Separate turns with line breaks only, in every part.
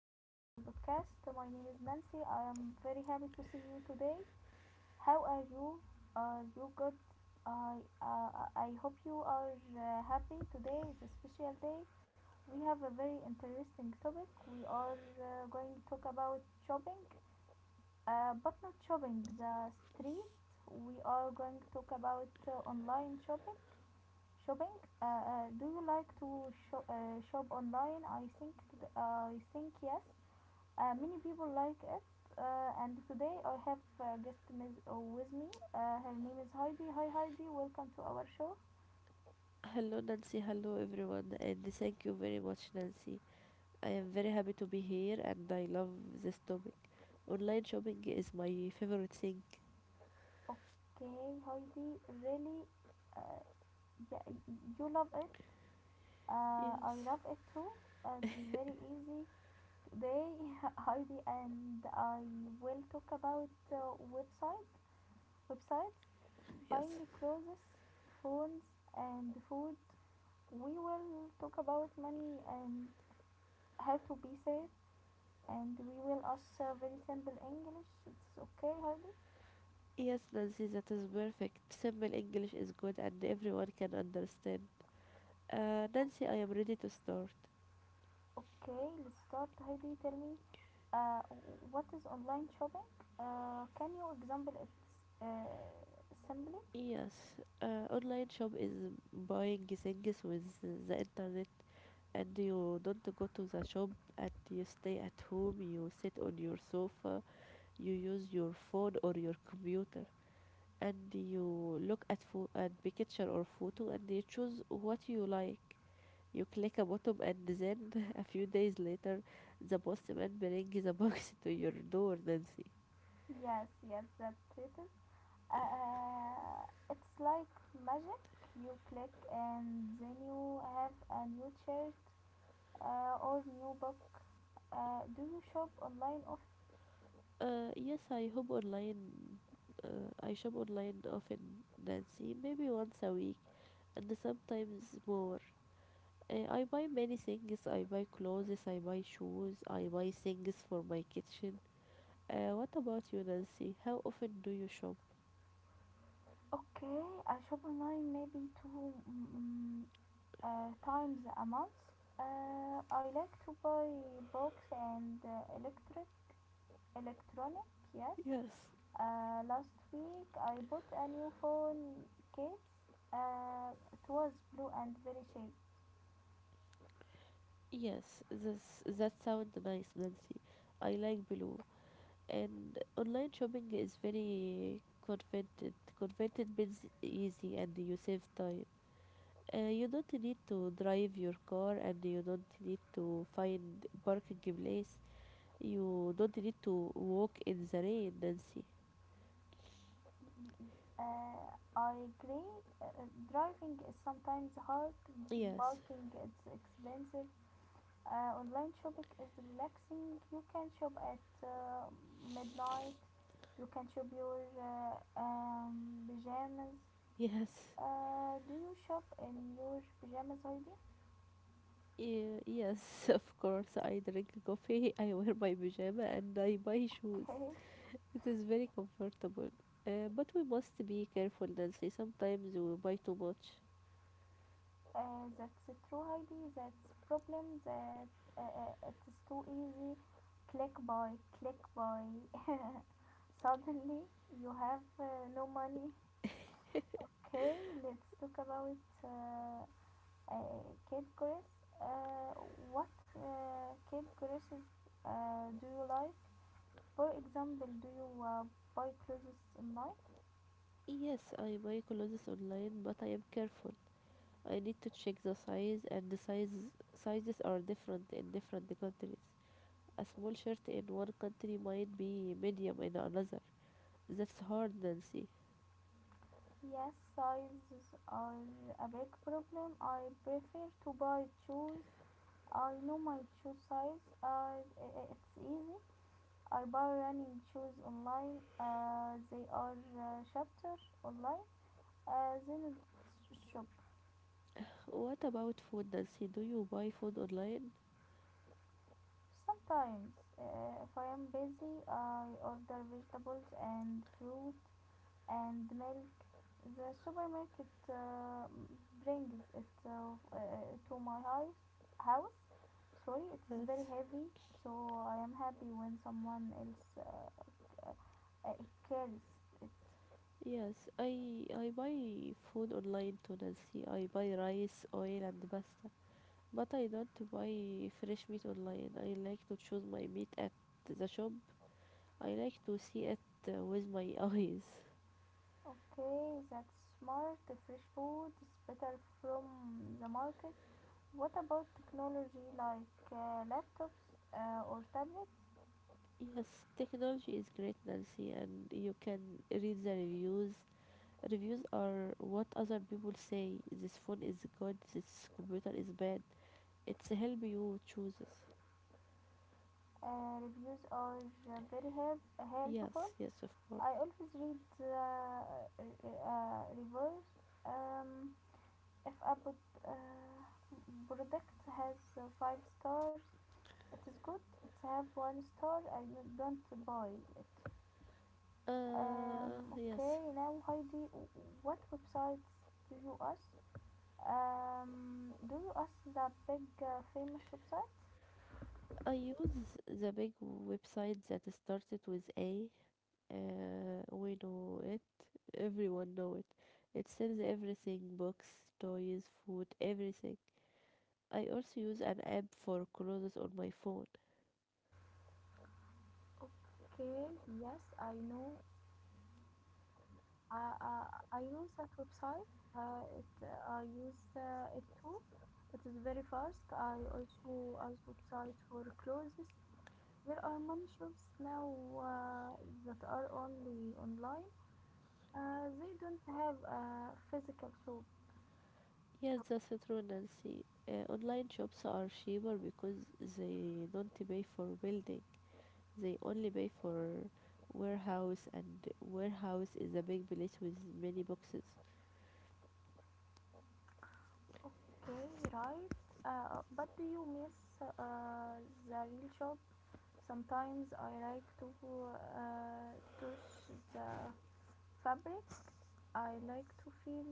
our podcast. My name is Nancy. I am very happy to see you today. How are you? Are you good? I uh, I hope you are happy. Today is a special day. We have a very interesting topic. We are going to talk about shopping, but not shopping the street. We are going to talk about online shopping. Shopping? Do you like to shop online? I think I think yes. Many people like it. And today I have a guest with me. Her name is Heidi. Hi Heidi, welcome to our show.
Hello, Nancy. Hello, everyone. And thank you very much, Nancy. I am very happy to be here and I love this topic. Online shopping is my favorite thing.
Okay, Heidi, really, uh, yeah, you love it. I
Yes.
love it too. It's very easy. Today, Heidi and I will talk about websites,
Yes.
buying clothes, phones, and food. We will talk about money and how to be safe, and we will ask very simple English. It's okay, Heidi.
Yes, Nancy, that is perfect. Simple English is good and everyone can understand. Nancy, I am ready to start.
Okay, let's start. Heidi, tell me, uh, what is online shopping? Can you example it simply?
Yes, online shop is buying things with the internet, and you don't go to the shop, and you stay at home, you sit on your sofa, you use your phone or your computer, and you look at at picture or photo, and you choose what you like, you click a button, and then a few days later the postman brings the box to your door, Nancy.
Yes, yes, that's it. Is. Uh, it's like magic. You click and then you have a new shirt or new book. Do you shop online? Off?
Yes, I hope online, I shop online often, Nancy, maybe once a week and sometimes more. I buy many things. I buy clothes, I buy shoes, I buy things for my kitchen. What about you, Nancy? How often do you shop?
Okay, I shop online maybe two times a month. I like to buy books and electric electronic. Yes.
Yes,
Last week I bought a new phone case. It was blue and very cheap.
yes, this that sounds nice, Nancy. I like blue. And online shopping is very convenient. Convenient means easy, and you save time. You don't need to drive your car, and you don't need to find parking place. You don't need to walk in the rain, Nancy.
Uh, I agree. Uh, Driving is sometimes hard.
Yes,
Parking is expensive. Online shopping is relaxing. You can shop at midnight. You can shop your pajamas.
yes.
Do you shop in your pajamas, Heidi?
Yeah, yes, of course. I drink coffee, I wear my pajama, and I buy shoes.
Okay.
It is very comfortable. But we must be careful, Nancy. Sometimes we buy too much.
That's true, Heidi. That's problem. That uh, it is too easy. Click buy, click buy. Suddenly you have no money. Okay, let's talk about uh, Kid Chris. Uh, what Kid Chris's do you like? For example, do you buy clothes online?
Yes, I buy clothes online, but I am careful. I need to check the size, and the sizes are different in different countries. A small shirt in one country might be medium in another. That's hard, Nancy.
Yes, sizes are a big problem. I prefer to buy shoes. I know my shoe size. It's easy. I buy running shoes online. They are chapter online. Then shop.
What about food, Nancy? Do you buy food online?
Sometimes, if I am busy, I order vegetables and fruit and milk. The supermarket brings it to my house. House, sorry, it is very
Yes.
heavy. So I am happy when someone else uh, carries it.
Yes, I buy food online to, Nancy. I buy rice, oil, and pasta. But I don't buy fresh meat online. I like to choose my meat at the shop. I like to see it with my eyes.
Okay, that's smart. Fresh food is better from the market. What about technology like laptops or tablets?
Yes, technology is great, Nancy, and you can read the reviews. Reviews are what other people say. This phone is good, this computer is bad. It's help you choose.
Reviews are very helpful.
Yes, yes, of
I
course.
always read reviews. Um, if a uh, product has 5 stars, it is good. It have one star, I don't buy it. Okay,
Yes.
now Heidi, what websites do you ask? Do you ask the big famous websites?
I use the big website that started with A. We know it. Everyone know it. It sells everything: books, toys, food, everything. I also use an app for clothes on my phone.
Okay, yes, I know I use that website. I use it too. It is very fast. I also use website for clothes. There are many shops now uh, that are only online. They don't have a physical shop.
Yes,
shop.
that's true, Nancy. Online shops are cheaper because they don't pay for building. They only pay for warehouse, and warehouse is a big place with many boxes.
Okay, right. But do you miss uh, the real shop? Sometimes I like to touch the fabric. I like to feel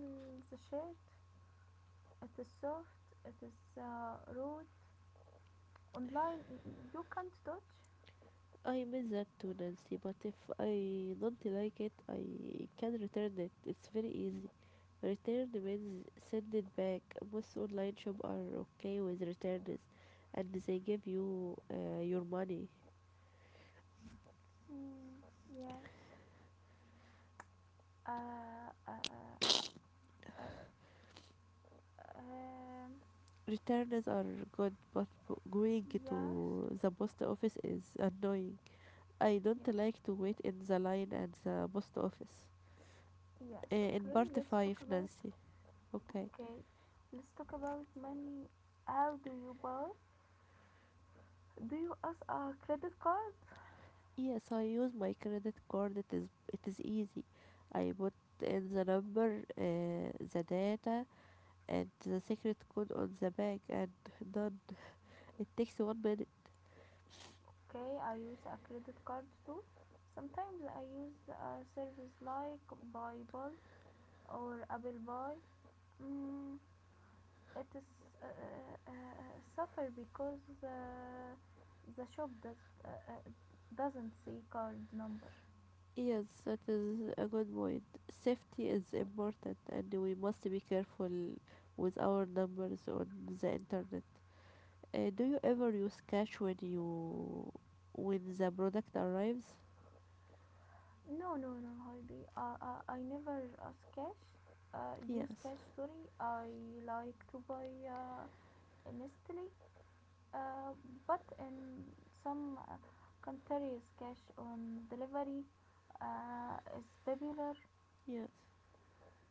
the shirt. It is soft. It is rude. Online, you can't touch.
I miss that too, Nancy, but if I don't like it, I can return it. It's very easy. Return means send it back. Most online shop are okay with returns and they give you your money.
Mm. Yes. Uh, uh, uh, uh, um,
Returns are good, but going
yes.
to the post office is annoying. I don't
Yes.
like to wait in the line at the post office.
Yes.
In
Okay.
part
Let's talk
5,
about.
Nancy. Okay.
Okay. Let's talk about money. How do you buy? Do you ask a credit card?
Yes, I use my credit card. It is easy. I put in the number, the data, and the secret code on the bag, and done. It takes 1 minute.
Okay, I use a credit card too. Sometimes I use a service like Paypal or Apple Pay. Mm, it is suffer because the shop does doesn't see card number.
Yes, that is a good point. Safety is important, and we must be careful with our numbers on the internet. Do you ever use cash when you when the product arrives?
No, no, no, Heidi. I never ask cash. Use
Yes,
cash. Sorry, I like to buy instantly. Uh, but in some countries, cash on delivery is popular.
yes.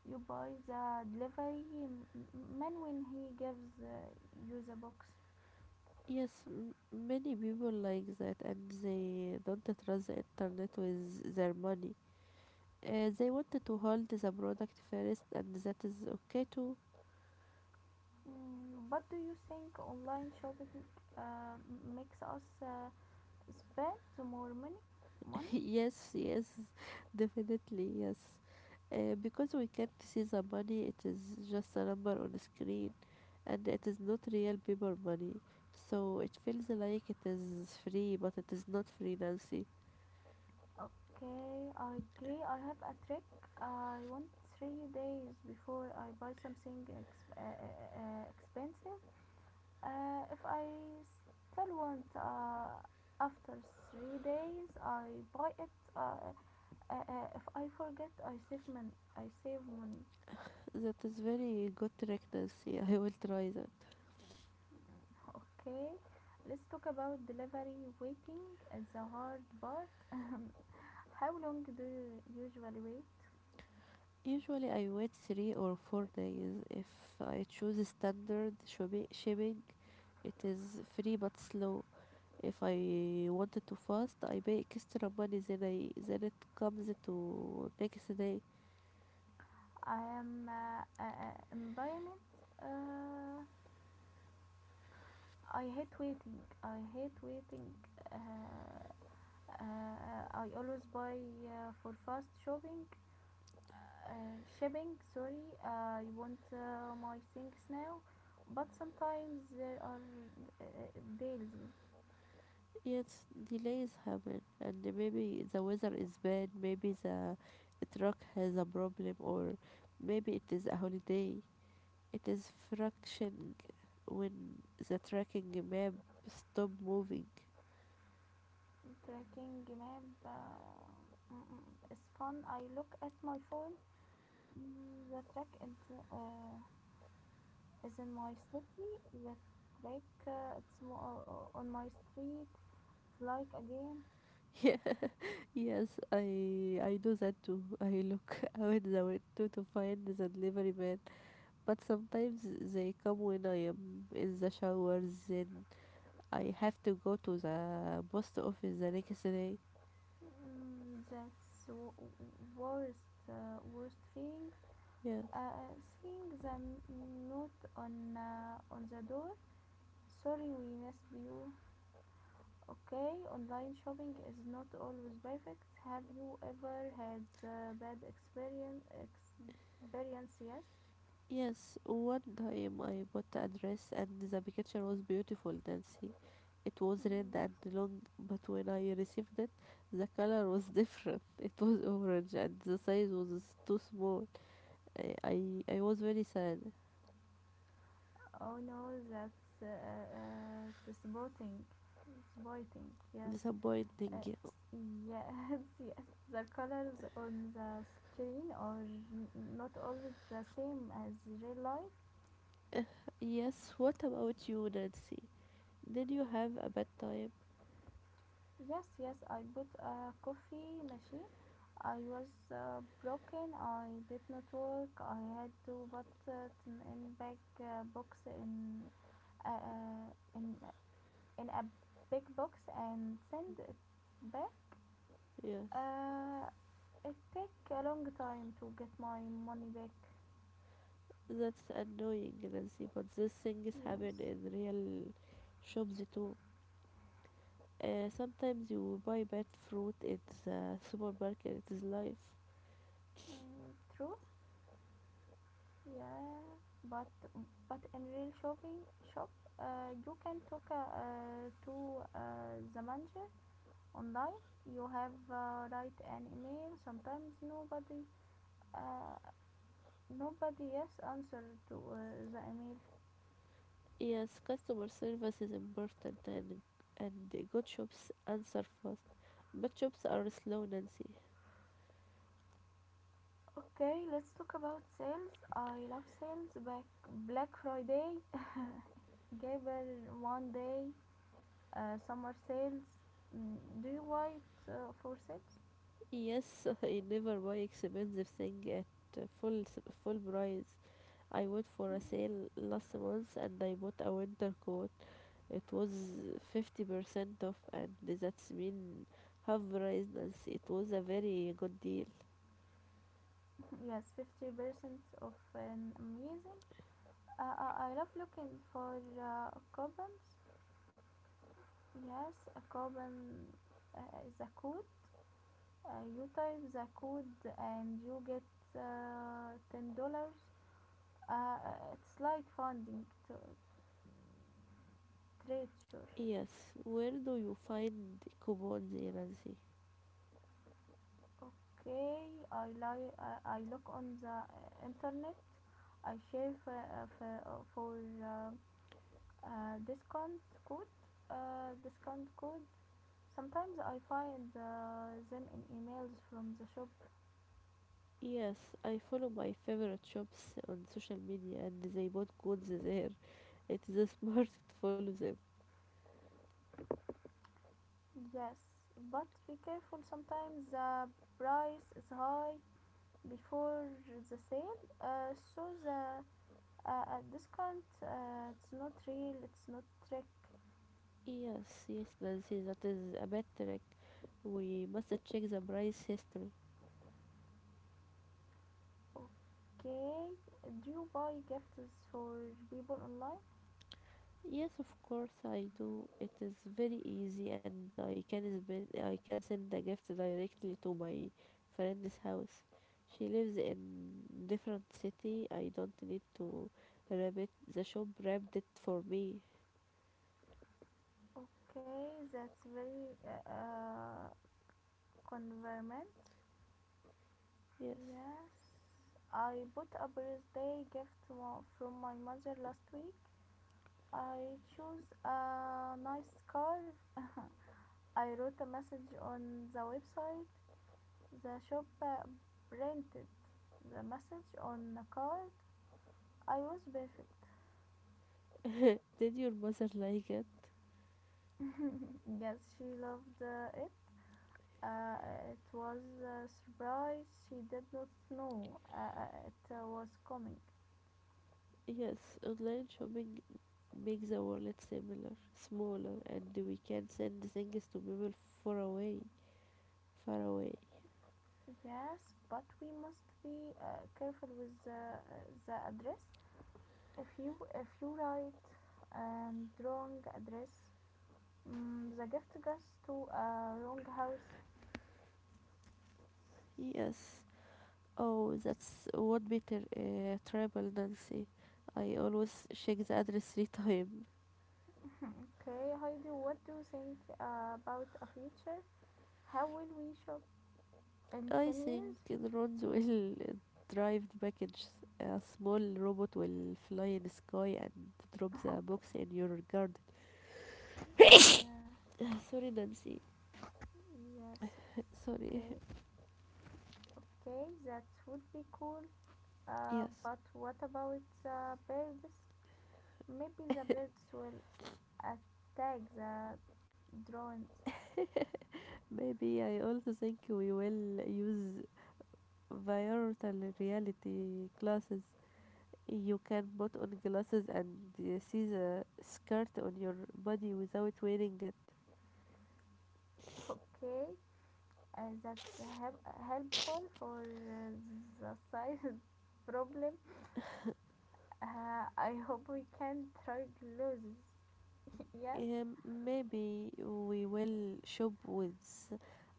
You buy the delivery man when he gives you the box.
Yes, many people like that and they don't trust the internet with their money. They want to hold the product first and that is okay too.
Mm, what do you think online shopping uh, makes us spend more money? Money?
Yes, definitely, yes. Because we can't see the money, it is just a number on a screen and it is not real paper money. So it feels like it is free, but it is not free, Nancy.
Okay, I agree. I have a trick. I want 3 days before I buy something expensive. If I still want after 3 days, I buy it. If I forget, I save money. I save money.
That is very good trick, Nancy. I will try that.
Okay, let's talk about delivery waiting. It's the hard part. How long do you usually wait?
Usually I wait 3 or 4 days. If I choose standard shipping, it is free but slow. If I wanted to fast, I pay extra money, then it comes to next day.
I am environment. Uh, I hate waiting. I hate waiting. Uh, I always buy for fast shopping. Shipping, sorry, I want my things now, but sometimes there are uh, deals.
Yes, delays happen, and maybe the weather is bad. Maybe the truck has a problem, or maybe it is a holiday. It is fractioning when the tracking map stop moving.
Tracking map, mm, mm, fun, I look at my phone. Mm, the track uh, is in my city. The track on my street. It's like a game.
Yeah. Yes, I do that too. I look out the window to find the delivery man, but sometimes they come when I am in the shower. Then I have to go to the post office the next day.
Mm, worst worst thing,
Yes,
uh, seeing the note on the door. Sorry we missed you. Okay, online shopping is not always perfect. Have you ever had bad experience? Yes.
yes. One time I bought a dress and the picture was beautiful, Nancy. It was red
Mm.
and long, but when I received it, the color was different. It was orange and the size was too small. I was very sad.
Oh no, that's disappointing. Disappointing, yes, uh,
Disappointing.
yes. Yes, the colors on the screen are not always the same as real life.
Yes, what about you, Nancy? Did you have a bad time?
Yes, yes, I bought a coffee machine. I was broken. I did not work. I had to put it in big box uh, uh, in in a big box and send it back.
Yes,
Uh, it take a long time to get my money back.
that's annoying, Nancy, but these things happen
Yes,
in real shops too. Sometimes you buy bad fruit in the supermarket, it is life.
mm, true. Yeah, but but in real shop, you can talk to the manager online. You have write an email. Sometimes nobody, uh, nobody yes answer to the email.
Yes, customer service is important, and good shops answer fast, but shops are slow, Nancy.
Okay, let's talk about sales. I love sales. Back Black Friday, Gable one day, summer sales. Mm, do you wait for sales?
Yes, I never buy expensive thing at full price. I went for a sale last month and I bought a winter coat. It was 50% off and that's mean half price, Nancy. It was a very good deal.
Yes, 50% of an amazing. I love looking for coupons. Yes, a coupon uh, is a code. Uh, you type the code and you get $10. It's like funding to treasure.
Yes, where do you find coupons, eh, Nancy?
Okay, I look on the internet. I share for uh, discount code. Discount code. Sometimes I find them in emails from the shop,
Yes, I follow my favorite shops on social media and they bought codes there. It is smart to follow them.
yes, but be careful sometimes the price is high before the sale, so the discount it's not real, it's not trick.
Yes, yes, Nancy, that is a bad trick. We must check the price history.
Okay, do you buy gifts for people online?
Yes, of course I do. It is very easy and I can send the gift directly to my friend's house. She lives in different city. I don't need to wrap it. The shop wrapped it for me.
Okay, that's very convenient.
Yes.
Yes, I bought a birthday gift from my mother last week. I chose a nice scarf. I wrote a message on the website. The shop printed the message on a card. I was perfect.
Did your mother like it?
Yes, she loved it. Uh, it was a surprise. She did not know it was coming.
Yes, online shopping makes the wallet smaller, and we can send things to people far away, far away.
Yes, but we must be careful with the address. If you write and wrong address, mm, the gift goes to a wrong house.
Yes, oh, that's one better travel, Nancy. I always check the address three times.
Okay, Heidi, what do you think about a future? How will we shop in
I
10 years?
think the drones will drive the package. A small robot will fly in the sky and drop
Okay.
the box in your garden.
Yeah.
Sorry, Nancy.
Yes.
Sorry.
Okay. Okay, that would be cool.
Yes.
But what about the birds? Maybe the birds will attack the drones.
Maybe. I also think we will use virtual reality glasses. You can put on glasses and see the skirt on your body without wearing it.
Okay, that's help- helpful for the side problem. I hope we can try loses. Yes,
Maybe we will shop with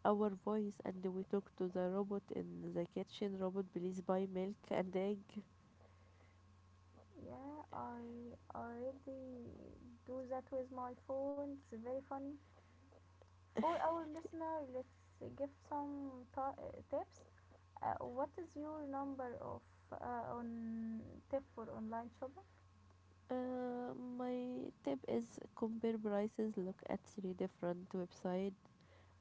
our voice and we talk to the robot in the kitchen. Robot, please buy milk and egg.
yeah, I already do that with my phone. It's very funny. For our listener, let's give some tips. What is your number of on tip for online shopping?
Uh, my tip is compare prices, look at three different websites.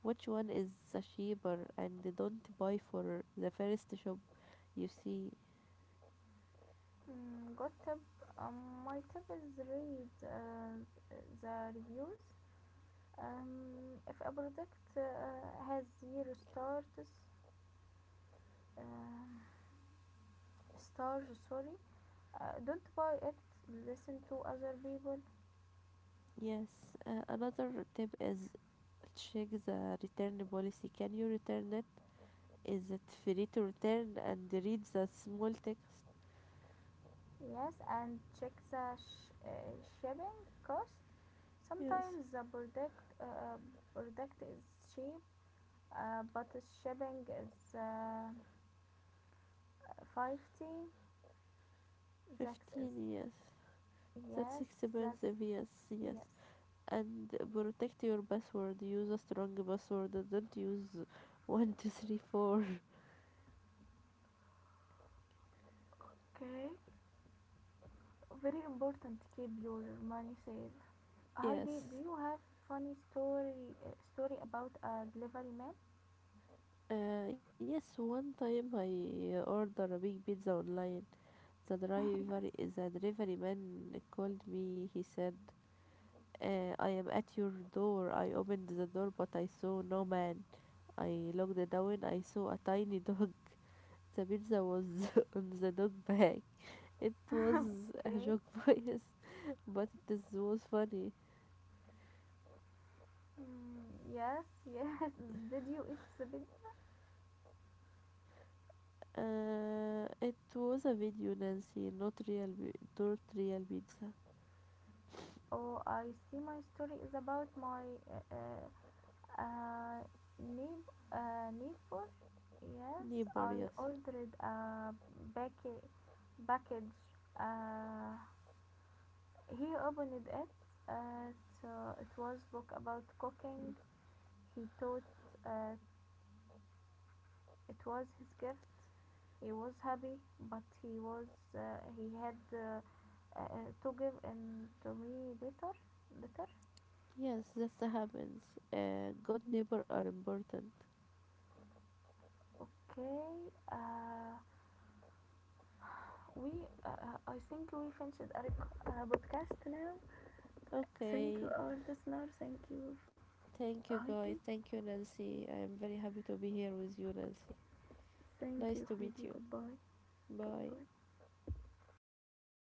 Which one is the cheaper and don't buy for the first shop you see.
Mm, good tip. My tip is read the reviews. If a product has 0 stars, um sorry, don't buy it. Listen to other people.
Yes, another tip is check the return policy. Can you return it? Is it free to return and read the small text?
Yes, and check the shipping cost.
Yes,
Sometimes the product is cheap, but the shipping is 50. That is
15 years. That's
yes, that's
expensive, yes, yes.
Yes.
And protect your password. Use a strong password. Don't use 1234.
Okay. Very important to keep your money safe. Heidi, do
Yes.
you have funny story about a delivery man?
Yes, one time I ordered a big pizza online. The delivery man called me. He said, I am at your door. I opened the door, but I saw no man. I looked down. I saw a tiny dog. The pizza was on the dog back. It was a
Okay.
joke voice, but this was funny.
Mm, yes, yes. Did you eat the bit?
It was a video, Nancy, not real, not real pizza.
Oh, I see. My story is about my uh, uh, uh, neighbor. Yes,
Neighbor,
I
yes.
ordered a package, package, uh, he opened it. At, uh, so it was book about cooking. He thought uh, it was his gift. He was happy, but he was uh, he had to give in to me later. Later,
Yes, that happens. Good neighbor are important.
okay. We I think we finished our podcast now. Thank
Okay.
you, our listener. Thank you,
Thank you, guys.
Heidi.
Thank you, Nancy. I am very happy to be here with you, Nancy.
Thank
Nice
you,
to meet
Heidi.
you.
Goodbye.
Bye.
Goodbye.